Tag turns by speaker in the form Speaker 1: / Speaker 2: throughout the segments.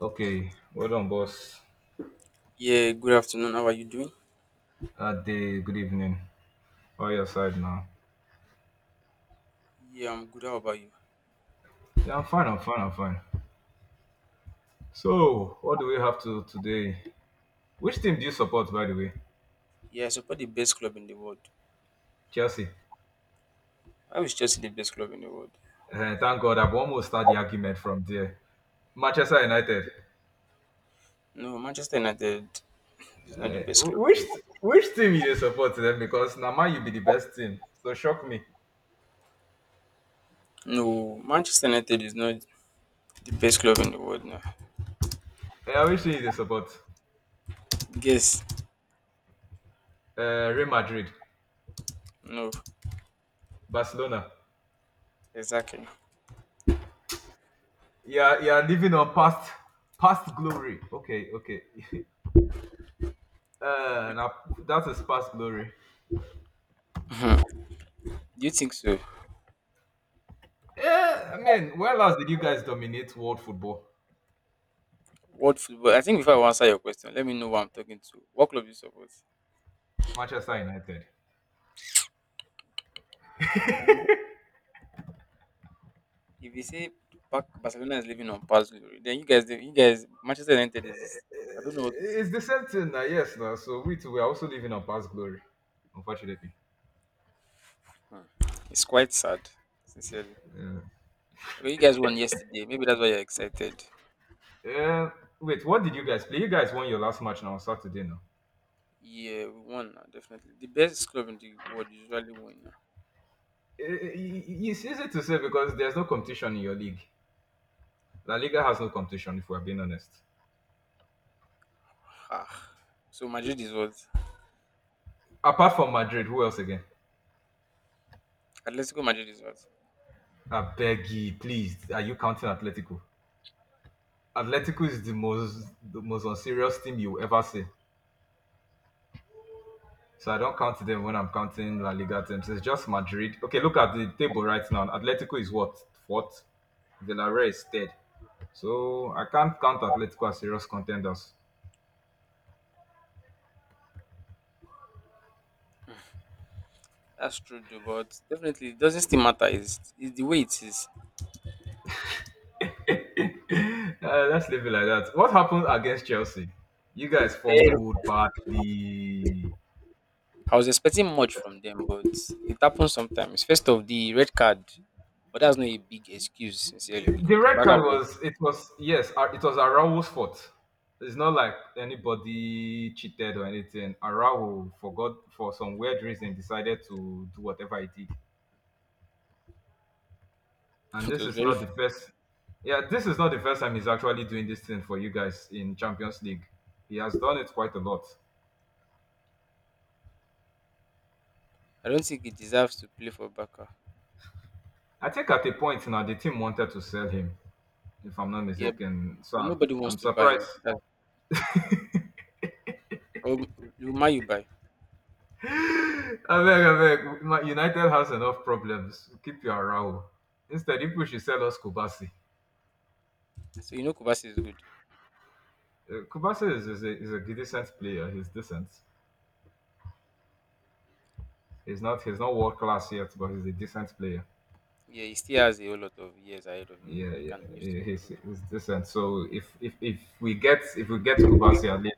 Speaker 1: Okay, well done, boss.
Speaker 2: Yeah, good afternoon. How are you doing?
Speaker 1: That day, good evening. How are your side now?
Speaker 2: Yeah, I'm good. How about you?
Speaker 1: Yeah, I'm fine, I'm fine, I'm fine. So, what do we have to today? Which team do you support, by the way?
Speaker 2: Yeah, I support the best club in the world.
Speaker 1: Chelsea.
Speaker 2: I was Chelsea the best club in the world.
Speaker 1: Thank God, I've almost started the argument from there. Manchester United.
Speaker 2: No, Manchester United is not the
Speaker 1: Eh,
Speaker 2: best
Speaker 1: wh-
Speaker 2: club in
Speaker 1: which
Speaker 2: the world.
Speaker 1: which team you dey support then? Because now man, you be the best team. So shock me.
Speaker 2: No, Manchester United is not the best club in the world now.
Speaker 1: Which team you dey support?
Speaker 2: Guess.
Speaker 1: Real Madrid,
Speaker 2: No,
Speaker 1: Barcelona.
Speaker 2: exactly.
Speaker 1: Yeah, yeah, living on past glory. Okay, okay. Now that's his past glory.
Speaker 2: Hmm, do you think so?
Speaker 1: Yeah, I mean, where last did you guys dominate world football?
Speaker 2: What football? I think before I answer your question, let me know what I'm talking to. What club do you support?
Speaker 1: Manchester United.
Speaker 2: If you, if you say Barcelona is living on past glory, then you guys, Manchester United is. I don't
Speaker 1: Uh,
Speaker 2: know what to say.
Speaker 1: It's the same thing now, yes, now. So we too, we are also living our past glory, unfortunately.
Speaker 2: Hmm. It's quite sad, sincerely. Okay, you guys won yesterday. Maybe that's why you're excited.
Speaker 1: Uh, Wait, what did you guys play? You guys won your last match now on Saturday now.
Speaker 2: Yeah, we won now, definitely. The best club in the world usually win now.
Speaker 1: Uh, It's easy to say because there's no competition in your league. La Liga has no competition, if we're being honest.
Speaker 2: Ah. So Madrid is what?
Speaker 1: Apart from Madrid, who else again?
Speaker 2: Atletico Madrid is what?
Speaker 1: I beg you, please. Are you counting Atletico? Atletico is the most unserious team you will ever see. So I don't count them when I'm counting La Liga teams. It's just Madrid. Okay, look at the table right now. Atletico is what? Fourth. Villarreal is third. So I can't count Atletico as serious contenders.
Speaker 2: That's true, though, but definitely it doesn't still matter. It's the way it is.
Speaker 1: Let's leave it like that. What happened against Chelsea? You guys
Speaker 2: Eh,
Speaker 1: fumbled badly.
Speaker 2: I was expecting
Speaker 1: You
Speaker 2: much
Speaker 1: guys
Speaker 2: from them, but it happens sometimes. First of the red card, but that's not a big excuse, sincerely,
Speaker 1: The
Speaker 2: because Baka
Speaker 1: record
Speaker 2: was,
Speaker 1: was it was yes, it was Araujo's fault. It's not like anybody cheated or anything. Araujo forgot for some weird reason decided to do whatever he did, and
Speaker 2: it
Speaker 1: this
Speaker 2: was
Speaker 1: is
Speaker 2: very.
Speaker 1: not the first. Yeah, this is not the first time he's actually doing this thing for you guys in Champions League. He has done it quite a lot.
Speaker 2: I don't think he deserves to play for Baka.
Speaker 1: I think at a point now the team wanted to sell him, if I'm not
Speaker 2: Yeah,
Speaker 1: mistaken. So
Speaker 2: but
Speaker 1: I'm,
Speaker 2: nobody wants
Speaker 1: I'm
Speaker 2: to buy
Speaker 1: surprised.
Speaker 2: him. Oh, you mind you buy.
Speaker 1: Abeg abeg, Ma United has enough problems. Keep your Araho. Instead, people should sell us Kubasi.
Speaker 2: So you know Kubasi is good.
Speaker 1: Kubasi is a decent player. He's decent, he's not world class yet, but he's a decent player.
Speaker 2: Yeah, he still has a whole lot of years ahead of him
Speaker 1: Yeah,
Speaker 2: that he
Speaker 1: yeah,
Speaker 2: can use
Speaker 1: yeah,
Speaker 2: to
Speaker 1: he's,
Speaker 2: improve.
Speaker 1: he's decent. So if we get Kubasi, at least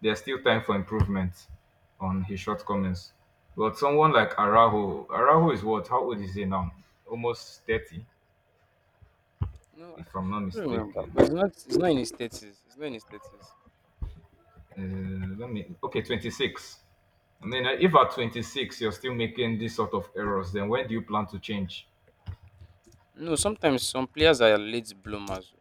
Speaker 1: there's still time for improvement on his shortcomings. But someone like Araho, is what how old is he now? Almost 30,
Speaker 2: No, I,
Speaker 1: if
Speaker 2: ca-
Speaker 1: I'm not
Speaker 2: I don't remember.
Speaker 1: mistaken.
Speaker 2: But it's not. It's not in his thirties. It's not in his thirties.
Speaker 1: Let me. Okay, 26. I mean, if at 26 you're still making these sort of errors, then when do you plan to change?
Speaker 2: No, sometimes some players are late bloomers.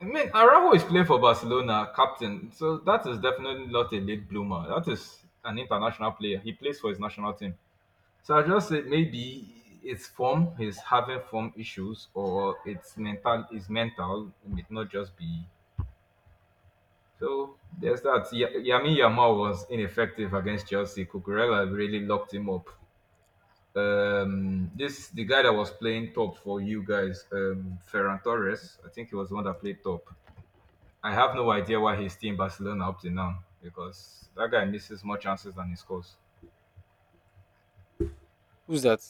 Speaker 1: I mean, Araujo is playing for Barcelona, captain. So that is definitely not a late bloomer. That is an international player. He plays for his national team. So I just said maybe it's form. He's having form issues, or it's mental. It's mental. It may not just be. So there's that. Yami Yamal was ineffective against Chelsea. Cucurella really locked him up. This the guy that was playing top for you guys, Ferran Torres. I think he was the one that played top. I have no idea why he's still in Barcelona up to now because that guy misses more chances than he scores.
Speaker 2: Who's that?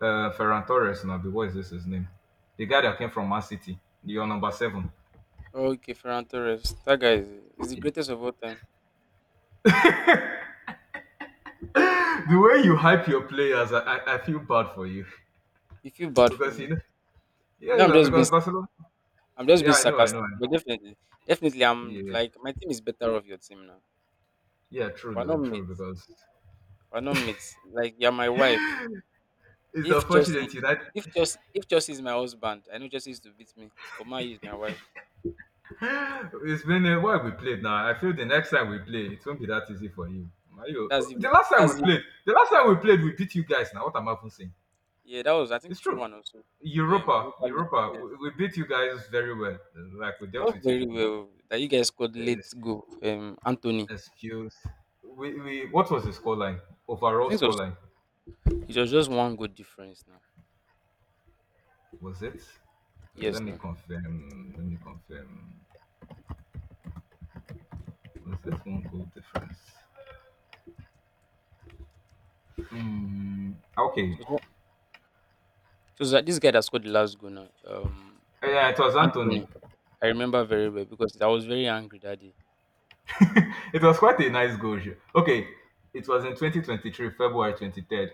Speaker 1: Ferran Torres, now, what is this his name? The guy that came from Man City, your number 7.
Speaker 2: Oh, okay, Ferran Torres. That guy is the greatest of all time.
Speaker 1: The way you hype your players, I feel bad for you.
Speaker 2: You feel bad for
Speaker 1: Because
Speaker 2: me.
Speaker 1: yeah,
Speaker 2: No, I'm
Speaker 1: yeah,
Speaker 2: just being.
Speaker 1: because Barcelona.
Speaker 2: I'm just being
Speaker 1: Yeah, I know, I know,
Speaker 2: sarcastic.
Speaker 1: I know.
Speaker 2: But definitely, definitely, I'm
Speaker 1: Yeah,
Speaker 2: like my team is better off your team now.
Speaker 1: yeah, true
Speaker 2: We're
Speaker 1: though,
Speaker 2: not
Speaker 1: true
Speaker 2: mates.
Speaker 1: because
Speaker 2: We're not mates. Like you're my wife.
Speaker 1: it's
Speaker 2: If
Speaker 1: unfortunate
Speaker 2: Chelsea,
Speaker 1: United.
Speaker 2: if Chelsea is my husband, I know Chelsea is to beat me, but Man U is my wife.
Speaker 1: It's been a while we played now. I feel the next time we play, it won't be that easy for you. Mario,
Speaker 2: That's if,
Speaker 1: the last time
Speaker 2: that's
Speaker 1: we
Speaker 2: if,
Speaker 1: played, we beat you guys. Now what am I even saying?
Speaker 2: Yeah, that was I think
Speaker 1: It's
Speaker 2: two
Speaker 1: true.
Speaker 2: one or so.
Speaker 1: Europa,
Speaker 2: Europa League,
Speaker 1: Europa,
Speaker 2: yes,
Speaker 1: we beat you guys very well. Like we dealt
Speaker 2: not
Speaker 1: with you
Speaker 2: very
Speaker 1: people.
Speaker 2: well. That you guys scored late
Speaker 1: Ex-
Speaker 2: goal. Anthony,
Speaker 1: Excuse. We What was the scoreline?
Speaker 2: I
Speaker 1: Overall
Speaker 2: think it was
Speaker 1: scoreline,
Speaker 2: it was just one good difference now.
Speaker 1: was it? Let
Speaker 2: Yes,
Speaker 1: me
Speaker 2: now.
Speaker 1: confirm. Let me confirm. Was that one goal difference? Mm, okay.
Speaker 2: So it was like this guy that scored the last goal now.
Speaker 1: Yeah, it was Anthony.
Speaker 2: Anthony, I remember very well because I was very angry that day.
Speaker 1: It was quite a nice goal. Joe. Okay, it was in 2023, February 23rd.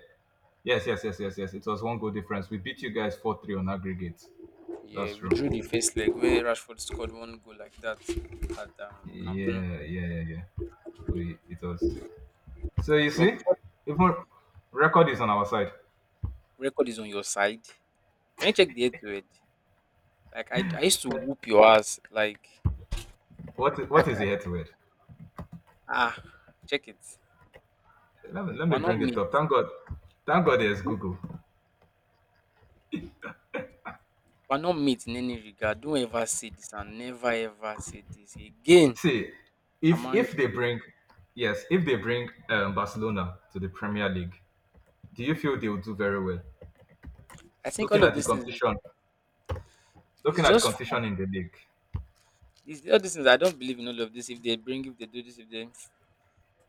Speaker 1: Yes, yes, yes, yes, yes. It was one goal difference. We beat you guys 4-3 on aggregate. That's
Speaker 2: Yeah, we
Speaker 1: true.
Speaker 2: drew the first leg where Rashford scored one goal like that at Camp Nou.
Speaker 1: Yeah, yeah, yeah, yeah. We, it was. So you
Speaker 2: But
Speaker 1: see,
Speaker 2: before
Speaker 1: even record is on our side.
Speaker 2: record is on your side. Can you check the head to head? Like I used to whoop your ass. Like
Speaker 1: What is,
Speaker 2: I,
Speaker 1: what
Speaker 2: c-
Speaker 1: is
Speaker 2: I
Speaker 1: the head
Speaker 2: c-
Speaker 1: to head?
Speaker 2: ah, check it.
Speaker 1: Let me
Speaker 2: We're not
Speaker 1: bring it up.
Speaker 2: mates.
Speaker 1: Thank God. Thank God there's
Speaker 2: We-
Speaker 1: Google.
Speaker 2: We're not mates in any regard. Don't ever say this and never ever say this again.
Speaker 1: See,
Speaker 2: I'm
Speaker 1: if
Speaker 2: angry.
Speaker 1: they bring, yes, if they bring Barcelona to the Premier League, do you feel they will do very well?
Speaker 2: I think
Speaker 1: Looking
Speaker 2: all of
Speaker 1: at the
Speaker 2: these things.
Speaker 1: competition,
Speaker 2: It's
Speaker 1: Looking at the
Speaker 2: just food.
Speaker 1: competition in the league.
Speaker 2: It's all these things. I don't believe in all of this. If they bring, if they do this, if they.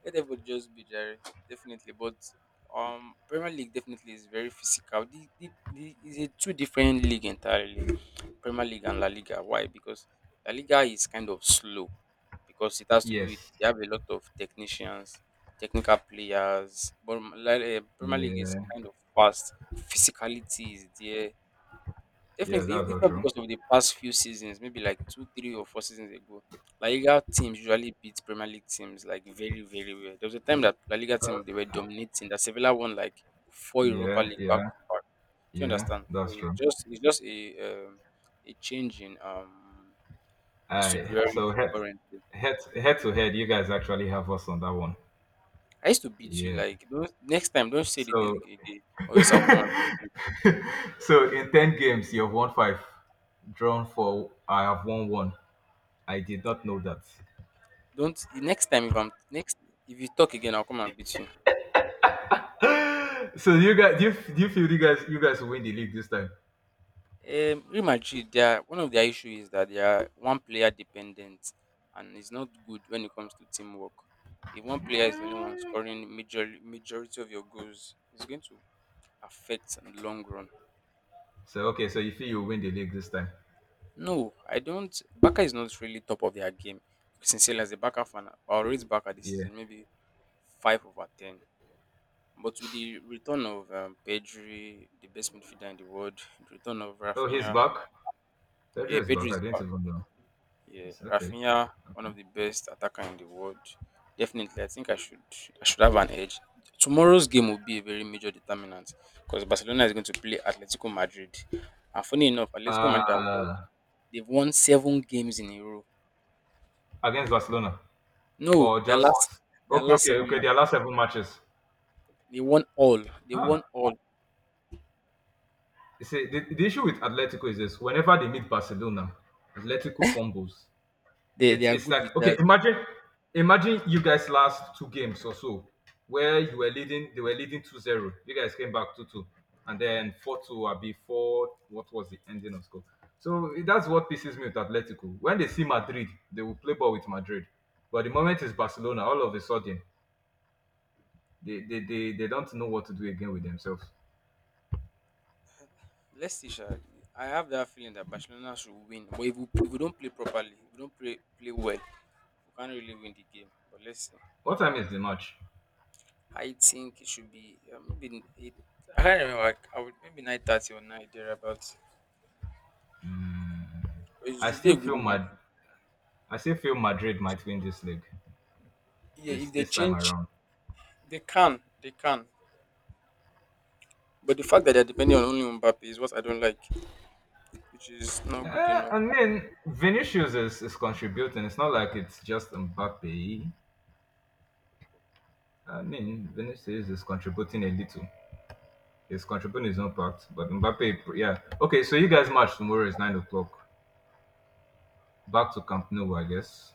Speaker 2: Yeah, they would just be there, definitely. But Premier League definitely is very physical. The is a two different league entirely. Premier League and La Liga. Why? Because La Liga is kind of slow because it has to do with
Speaker 1: Yes.
Speaker 2: they have a lot of technicians, technical players. But Premier League is
Speaker 1: Yeah.
Speaker 2: kind of fast. Physicality is there.
Speaker 1: Yeah,
Speaker 2: Definitely, if
Speaker 1: that's
Speaker 2: if
Speaker 1: all
Speaker 2: not
Speaker 1: true.
Speaker 2: because of the past few seasons, maybe like two, three, or four seasons ago, La Liga teams usually beat Premier League teams like very, very well. There was a time that La Liga
Speaker 1: Uh,
Speaker 2: team they were dominating. That Sevilla won like four Europa
Speaker 1: yeah,
Speaker 2: League back
Speaker 1: yeah,
Speaker 2: to back. Do you
Speaker 1: yeah,
Speaker 2: understand? So
Speaker 1: that's
Speaker 2: it
Speaker 1: true.
Speaker 2: just it's just um, a change in
Speaker 1: I so
Speaker 2: superiority
Speaker 1: head
Speaker 2: currently.
Speaker 1: head head to head, you guys actually have us on that one.
Speaker 2: I used to beat you
Speaker 1: Yeah.
Speaker 2: like don't next time don't say it
Speaker 1: So
Speaker 2: again. Oh yes, I'll come and
Speaker 1: so in 10 games you have won five, drawn four. I have won one. I did not know that.
Speaker 2: don't next time if you talk again I'll come and beat you.
Speaker 1: so you guys, do you feel you guys will win the league this time?
Speaker 2: Real Madrid, they are, one of their issue is that they are one player dependent and it's not good when it comes to teamwork. If one player is the only one scoring majority of your goals, it's going to affect in the long run.
Speaker 1: So, okay, so you feel you will win the league this time?
Speaker 2: No, I don't. Baka is not really top of their game. Sincerely, as a Baka fan, I'll rate Baka this
Speaker 1: Yeah.
Speaker 2: season maybe 5 over 10. But with the return of Pedri, the best midfielder in the world, the return of
Speaker 1: Oh, he's
Speaker 2: Rafinha,
Speaker 1: back.
Speaker 2: yeah,
Speaker 1: Pedro is
Speaker 2: Pedri
Speaker 1: back. I
Speaker 2: is
Speaker 1: didn't
Speaker 2: back.
Speaker 1: even know.
Speaker 2: Yeah,
Speaker 1: It's okay.
Speaker 2: Rafinha, one
Speaker 1: Okay.
Speaker 2: of the best attacker in the world. Definitely, I think I should have an edge. Tomorrow's game will be a very major determinant because Barcelona is going to play Atletico Madrid. And funny enough, Atletico Madrid
Speaker 1: Uh
Speaker 2: they've won seven games in a row.
Speaker 1: Against Barcelona.
Speaker 2: No,
Speaker 1: Or
Speaker 2: their last
Speaker 1: just
Speaker 2: their
Speaker 1: okay,
Speaker 2: last
Speaker 1: okay,
Speaker 2: seven
Speaker 1: okay. Their last seven matches.
Speaker 2: they won all. They won
Speaker 1: Ah.
Speaker 2: all.
Speaker 1: You see, the issue with Atletico is this whenever they meet Barcelona, Atletico fumbles.
Speaker 2: They
Speaker 1: It's
Speaker 2: are
Speaker 1: it's
Speaker 2: good
Speaker 1: like,
Speaker 2: with
Speaker 1: okay,
Speaker 2: that.
Speaker 1: imagine you guys last two games or so where you were leading they were leading 2-0. You guys came back 2-2 and then 4-2 or before what was the ending of score. So that's what pisses me with Atletico. When they see Madrid, they will play ball with Madrid. But the moment it's Barcelona, all of a sudden they don't know what to do again with themselves.
Speaker 2: Let's see, Sha. I have that feeling that Barcelona should win. But if we don't play properly, if we don't play well, we can't really win the game. But let's see.
Speaker 1: What time is the match?
Speaker 2: I think it should be maybe eight. I can't remember. Like, I would maybe 9:30 or nine thereabouts. But it
Speaker 1: I
Speaker 2: should be
Speaker 1: still
Speaker 2: a good
Speaker 1: feel
Speaker 2: match.
Speaker 1: mad I still feel Madrid might win this league
Speaker 2: Yeah,
Speaker 1: this
Speaker 2: if they
Speaker 1: this time
Speaker 2: change,
Speaker 1: around.
Speaker 2: they can, they can. But the fact that they're depending on only Mbappe is what I don't like, which is not good
Speaker 1: I
Speaker 2: enough.
Speaker 1: mean, Vinicius is contributing. It's not like it's just Mbappe. I mean, Vinicius is contributing a little. He's contributing his own part, but Mbappe, yeah. Okay, so you guys match tomorrow is 9 o'clock. Back to Camp Nou, I guess.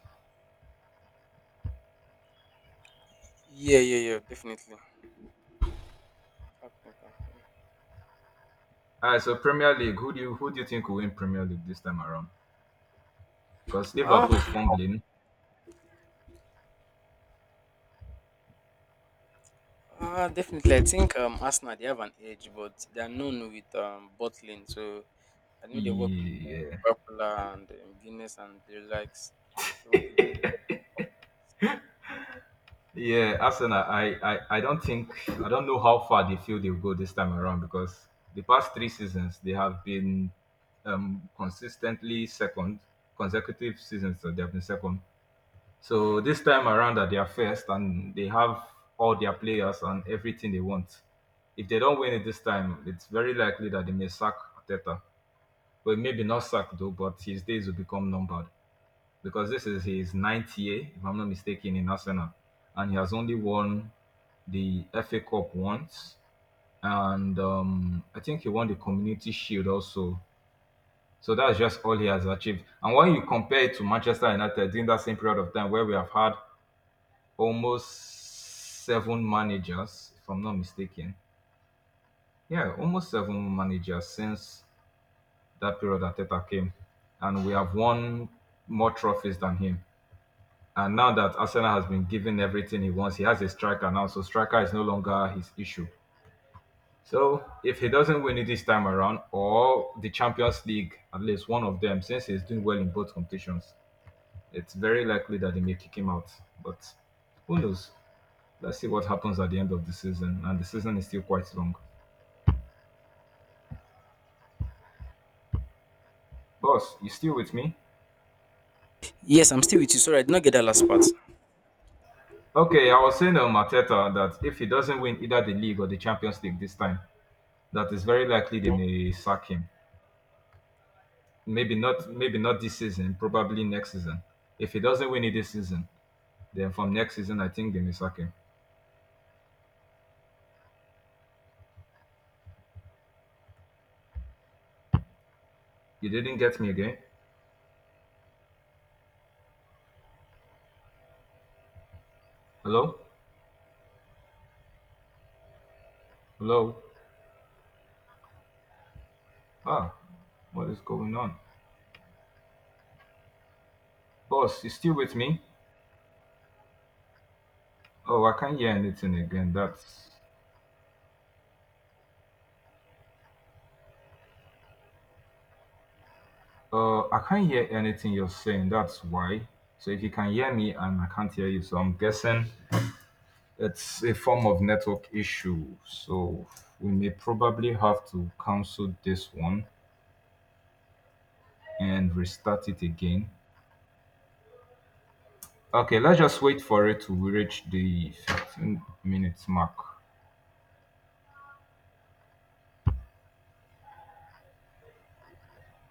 Speaker 2: Yeah, yeah, yeah, definitely. Fuck Mbappe.
Speaker 1: All right, so Premier League. Who do you think will win Premier League this time around? Because
Speaker 2: Ah,
Speaker 1: Liverpool is fumbling.
Speaker 2: definitely. I think Arsenal they have an edge, but they are known with bottling. So I know they work with
Speaker 1: Yeah,
Speaker 2: Coca-Cola and Guinness and the likes. They work with those.
Speaker 1: yeah, Arsenal. I don't think I don't know how far they feel they'll go this time around, because the past three seasons they have been consistently second, consecutive seasons that they have been second. So this time around that they are first and they have all their players and everything they want. If they don't win it this time, it's very likely that they may sack Ateta. Well, maybe not sack though, but his days will become numbered, because this is his ninth year, if I'm not mistaken, in Arsenal, and he has only won the FA Cup once, and I think he won the Community Shield also. So that's just all he has achieved. And when you compare it to Manchester United during that same period of time, where we have had almost seven managers, if I'm not mistaken, yeah, almost seven managers since that period that Teta came, and we have won more trophies than him. And now that Arsenal has been given everything he wants, he has a striker now, so striker is no longer his issue. So if he doesn't win it this time around, or the Champions League, at least one of them, since he's doing well in both competitions, it's very likely that they may kick him out. But who knows? Let's see what happens at the end of the season, and the season is still quite long. Boss, you still with me?
Speaker 2: Yes, I'm still with you. Sorry, I did not get that last part.
Speaker 1: Okay, I was saying on Mateta that if he doesn't win either the league or the Champions League this time, that is very likely they may sack him. Maybe not. Maybe not this season. Probably next season. If he doesn't win it this season, then from next season, I think they may sack him. You didn't get me again. Hello, hello. Ah, what is going on, boss? You still with me? Oh, I can't hear anything again. That's. I can't hear anything you're saying. That's why. So if you can hear me and I can't hear you, so I'm guessing it's a form of network issue. So we may probably have to cancel this one and restart it again. Okay, let's just wait for it to reach the 15 minutes mark.